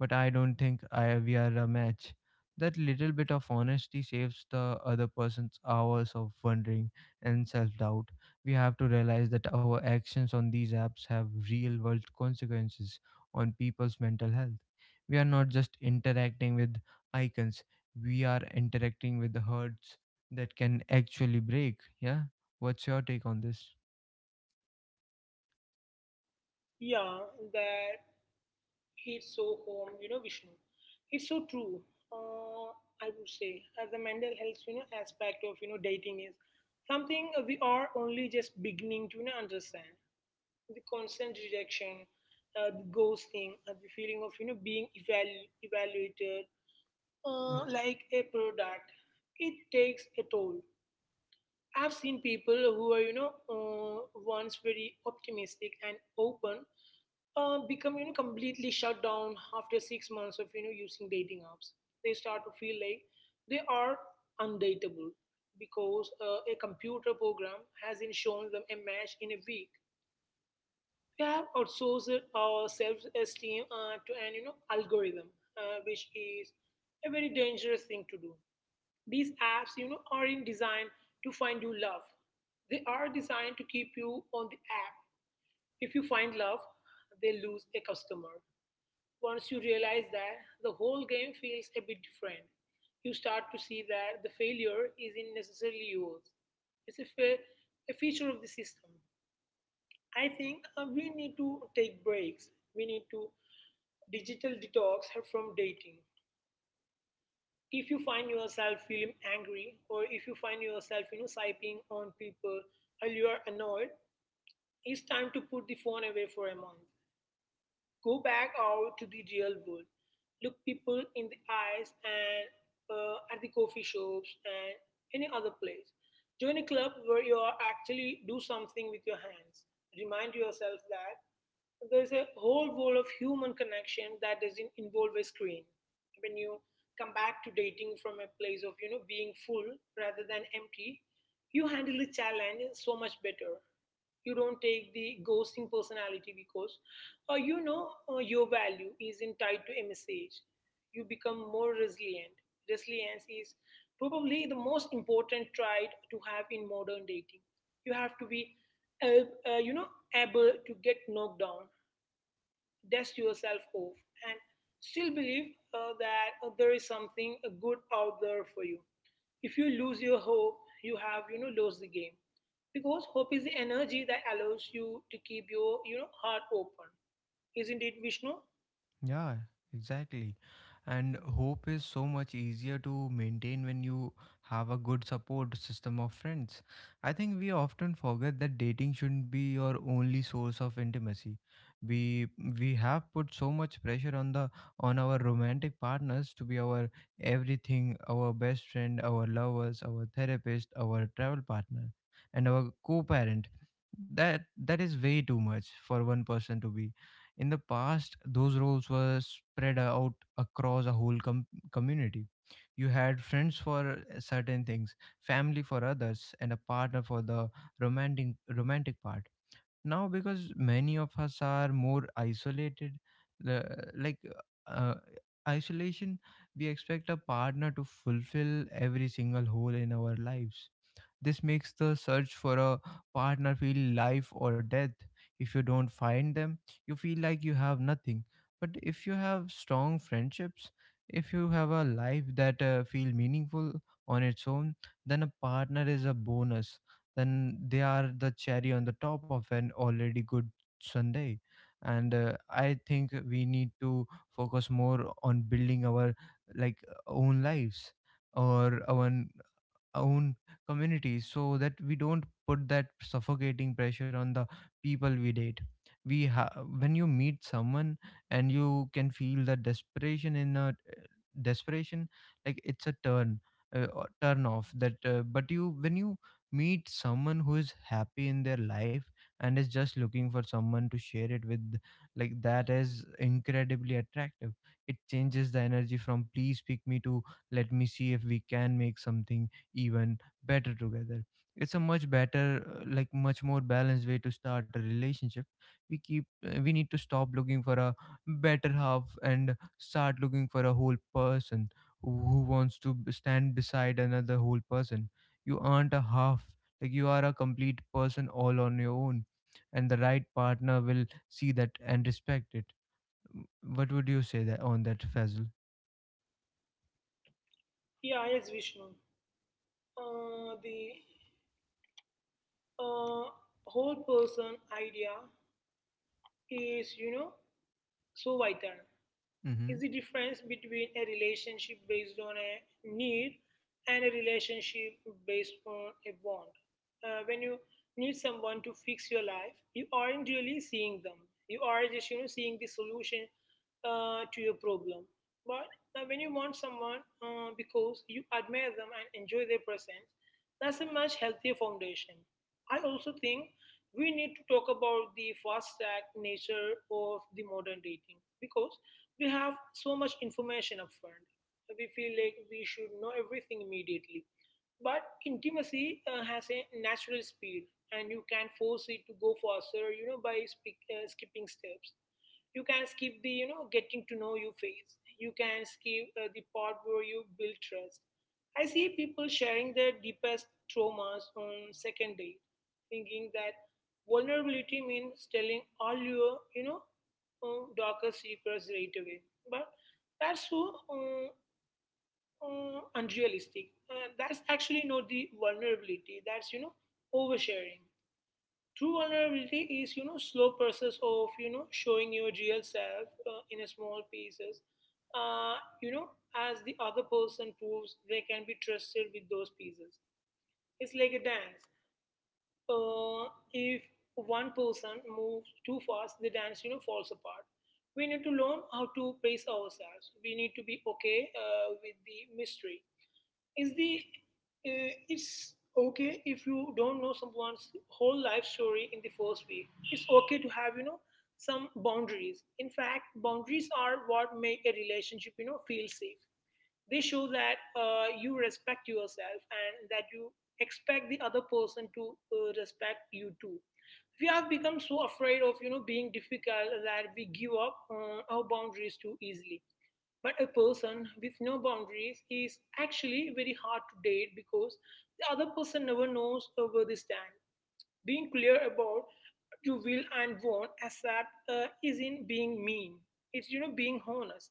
S1: but I don't think I we are a match. That little bit of honesty saves the other person's hours of wondering and self-doubt. We have to realize that our actions on these apps have real world consequences on people's mental health. We are not just interacting with icons, we are interacting with the herds that can actually break. Yeah. What's your take on this?
S2: Yeah, that it's so home, you know, Vishnu. It's so true. Uh, I would say, as the mental health, you know, aspect of you know dating is something we are only just beginning to, you know, understand. The constant rejection, uh, the ghosting, uh, the feeling of you know being evalu- evaluated uh, like a product. It takes a toll. I've seen people who are, you know, uh, once very optimistic and open, uh, become, you know, completely shut down after six months of, you know, using dating apps. They start to feel like they are undateable because uh, a computer program hasn't shown them a match in a week. We have outsourced our self-esteem uh, to an, you know, algorithm, uh, which is a very dangerous thing to do. These apps, you know, aren't designed to find you love. They are designed to keep you on the app. If you find love, they lose a customer. Once you realize that, the whole game feels a bit different. You start to see that the failure isn't necessarily yours. It's a, fe- a feature of the system. I think uh, we need to take breaks. We need to digital detox from dating. If you find yourself feeling angry, or if you find yourself you know sipping on people while you are annoyed, it's time to put the phone away for a month. Go back out to the real world. Look people in the eyes and uh, at the coffee shops and any other place. Join a club where you are actually do something with your hands. Remind yourself that there's a whole world of human connection that doesn't involve a screen. When you come back to dating from a place of you know being full rather than empty, you handle the challenge so much better. You don't take the ghosting personality because, uh, you know uh, your value isn't tied to a message. You become more resilient. Resilience is probably the most important trait to have in modern dating. You have to be, uh, uh, you know, able to get knocked down, dust yourself off, and still believe uh, that uh, there is something uh, good out there for you. If you lose your hope, you have you know lost the game, because hope is the energy that allows you to keep your you know heart open. Isn't it, Vishnu?
S1: Yeah, exactly. And hope is so much easier to maintain when you have a good support system of friends. I think we often forget that dating shouldn't be your only source of intimacy. We we have put so much pressure on the on our romantic partners to be our everything, our best friend, our lovers, our therapist, our travel partner, and our co-parent. That that is way too much for one person to be. In the past, those roles were spread out across a whole com- community. You had friends for uh, certain things, family for others, and a partner for the romantic romantic part. Now, because many of us are more isolated, uh, like uh, isolation, we expect a partner to fulfill every single hole in our lives. This makes the search for a partner feel life or death. If you don't find them, you feel like you have nothing. But if you have strong friendships, if you have a life that uh, feel meaningful on its own, then a partner is a bonus. Then they are the cherry on the top of an already good Sunday. And uh, I think we need to focus more on building our like own lives or our own communities so that we don't put that suffocating pressure on the people we date. we ha- when you meet someone and you can feel the desperation in a desperation, like it's a turn uh, or turn off that uh, but you when you meet someone who is happy in their life and is just looking for someone to share it with, like that is incredibly attractive. It changes the energy from please pick me to let me see if we can make something even better together. It's a much better uh, like much more balanced way to start a relationship. We keep uh, we need to stop looking for a better half and start looking for a whole person who wants to b- stand beside another whole person. You aren't a half, like you are a complete person all on your own, and the right partner will see that and respect it. W- what would you say that on that, Fazl?
S2: Yeah, yes, Vishnu. Uh, the, uh, whole person idea is you know so vital. Is
S1: Mm-hmm.
S2: the difference between a relationship based on a need and a relationship based on a want. Uh, when you need someone to fix your life, you aren't really seeing them. You are just, you know, seeing the solution uh, to your problem. But uh, when you want someone uh, because you admire them and enjoy their presence, that's a much healthier foundation. I also think we need to talk about the fast track nature of the modern dating, because we have so much information upfront. We feel like we should know everything immediately. But intimacy uh, has a natural speed, and you can force it to go faster, you know, by speak, uh, skipping steps. You can skip the, you know, getting to know you phase. You can skip uh, the part where you build trust. I see people sharing their deepest traumas on second date, thinking that vulnerability means telling all your, you know, uh, darker secrets right away. But that's so, uh, uh, unrealistic. Uh, that's actually not the vulnerability. That's you know oversharing. True vulnerability is you know slow process of you know showing your real self uh, in a small pieces. Uh, you know, as the other person proves they can be trusted with those pieces. It's like a dance. uh, if one person moves too fast, the dance you know falls apart. We need to learn how to pace ourselves. We need to be okay uh, with the mystery. Is the uh, It's okay if you don't know someone's whole life story in the first week. It's okay to have you know some boundaries. In fact, boundaries are what make a relationship you know feel safe. They show that uh, you respect yourself and that you expect the other person to uh, respect you too. We have become so afraid of you know being difficult that we give up uh, our boundaries too easily. But a person with no boundaries is actually very hard to date, because the other person never knows uh, where they stand. Being clear about what you will and won't accept uh, isn't being mean. It's you know being honest,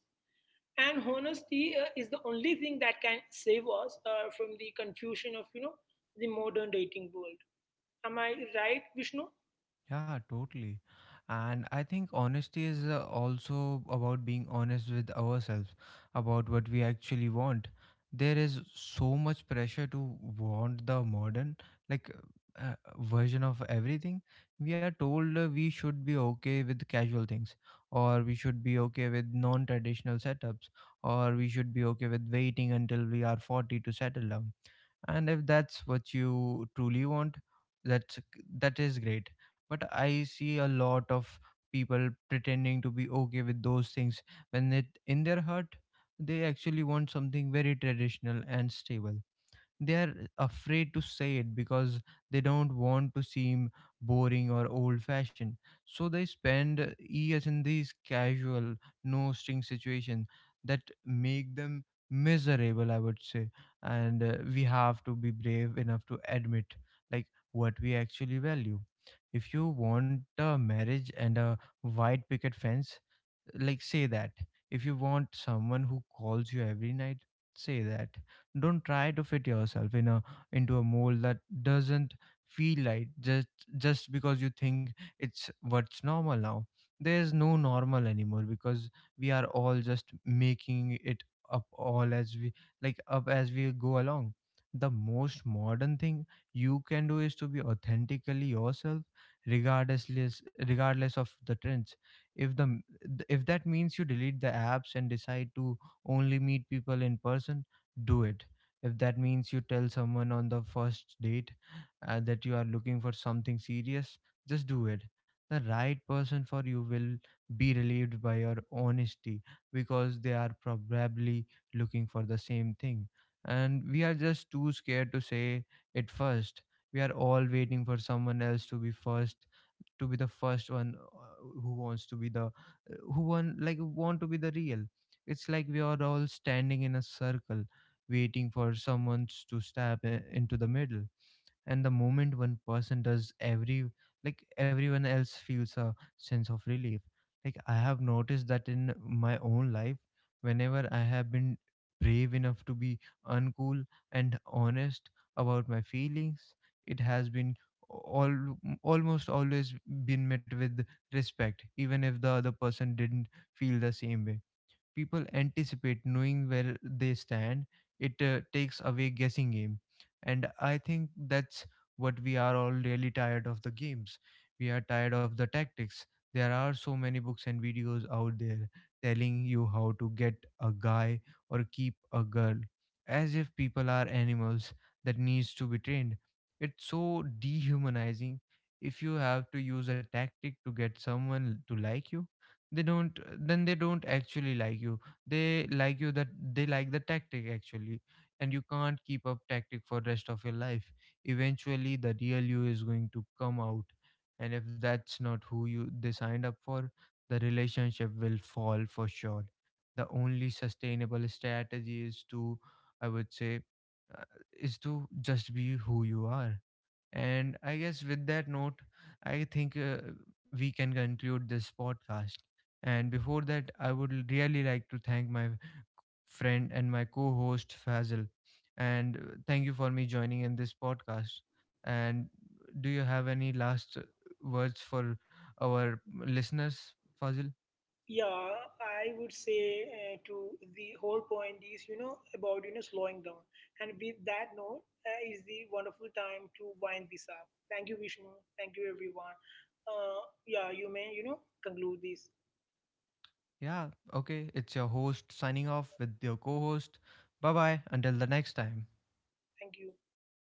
S2: and honesty uh, is the only thing that can save us uh, from the confusion of you know the modern dating world. Am I right, Vishnu?
S1: Yeah, totally. And I think honesty is uh, also about being honest with ourselves about what we actually want. There is so much pressure to want the modern like uh, version of everything. We are told uh, we should be okay with casual things, or we should be okay with non-traditional setups, or we should be okay with waiting until we are forty to settle down. And if that's what you truly want, that's that is great. But I see a lot of people pretending to be okay with those things when it in their heart they actually want something very traditional and stable. They are afraid to say it because they don't want to seem boring or old fashioned, so they spend years in these casual no string situations that make them miserable, I would say. And uh, we have to be brave enough to admit, like, what we actually value. If you want a marriage and a white picket fence, like, say that. If you want someone who calls you every night, say that. Don't try to fit yourself in a into a mold that doesn't feel right, just just because you think it's what's normal now. There's no normal anymore, because we are all just making it up all as we like up as we go along. The most modern thing you can do is to be authentically yourself, regardless regardless of the trends. If the m- th- if that means you delete the apps and decide to only meet people in person, do it. If that means you tell someone on the first date uh, that you are looking for something serious, just do it. The right person for you will be relieved by your honesty because they are probably looking for the same thing. And we are just too scared to say it first. We are all waiting for someone else to be first, to be the first one uh, who wants to be the uh, who want like want to be the real it's like we are all standing in a circle waiting for someone to stab i- into the middle, and the moment one person does every like everyone else feels a sense of relief. Like, I have noticed that in my own life, whenever I have been brave enough to be uncool and honest about my feelings, it has been all almost always been met with respect, even if the other person didn't feel the same way. People anticipate knowing where they stand. It uh, takes away guessing game, and I think that's what we are all really tired of: the games. We are tired of the tactics. There are so many books and videos out there telling you how to get a guy or keep a girl, as if people are animals that needs to be trained. It's so dehumanizing. If you have to use a tactic to get someone to like you, they don't then they don't actually like you. they like you that they like the tactic, actually. And you can't keep up tactic for rest of your life. Eventually the real you is going to come out, and if that's not who you they signed up for, the relationship will fall for sure. The only sustainable strategy is to, I would say, uh, is to just be who you are. And I guess with that note, I think uh, we can conclude this podcast. And before that, I would really like to thank my friend and my co host, Fazil. And uh, thank you for me joining in this podcast. And do you have any last uh, words for our listeners, Fazil?
S2: Yeah, I would say, uh, to the whole point is you know about you know slowing down, and with that note, uh, is the wonderful time to wind this up. Thank you, Vishnu. Thank you, everyone. uh, yeah, you may, you know conclude this.
S1: Yeah, okay. It's your host signing off with your co host. Bye bye. Until the next time.
S2: Thank you. Thank you,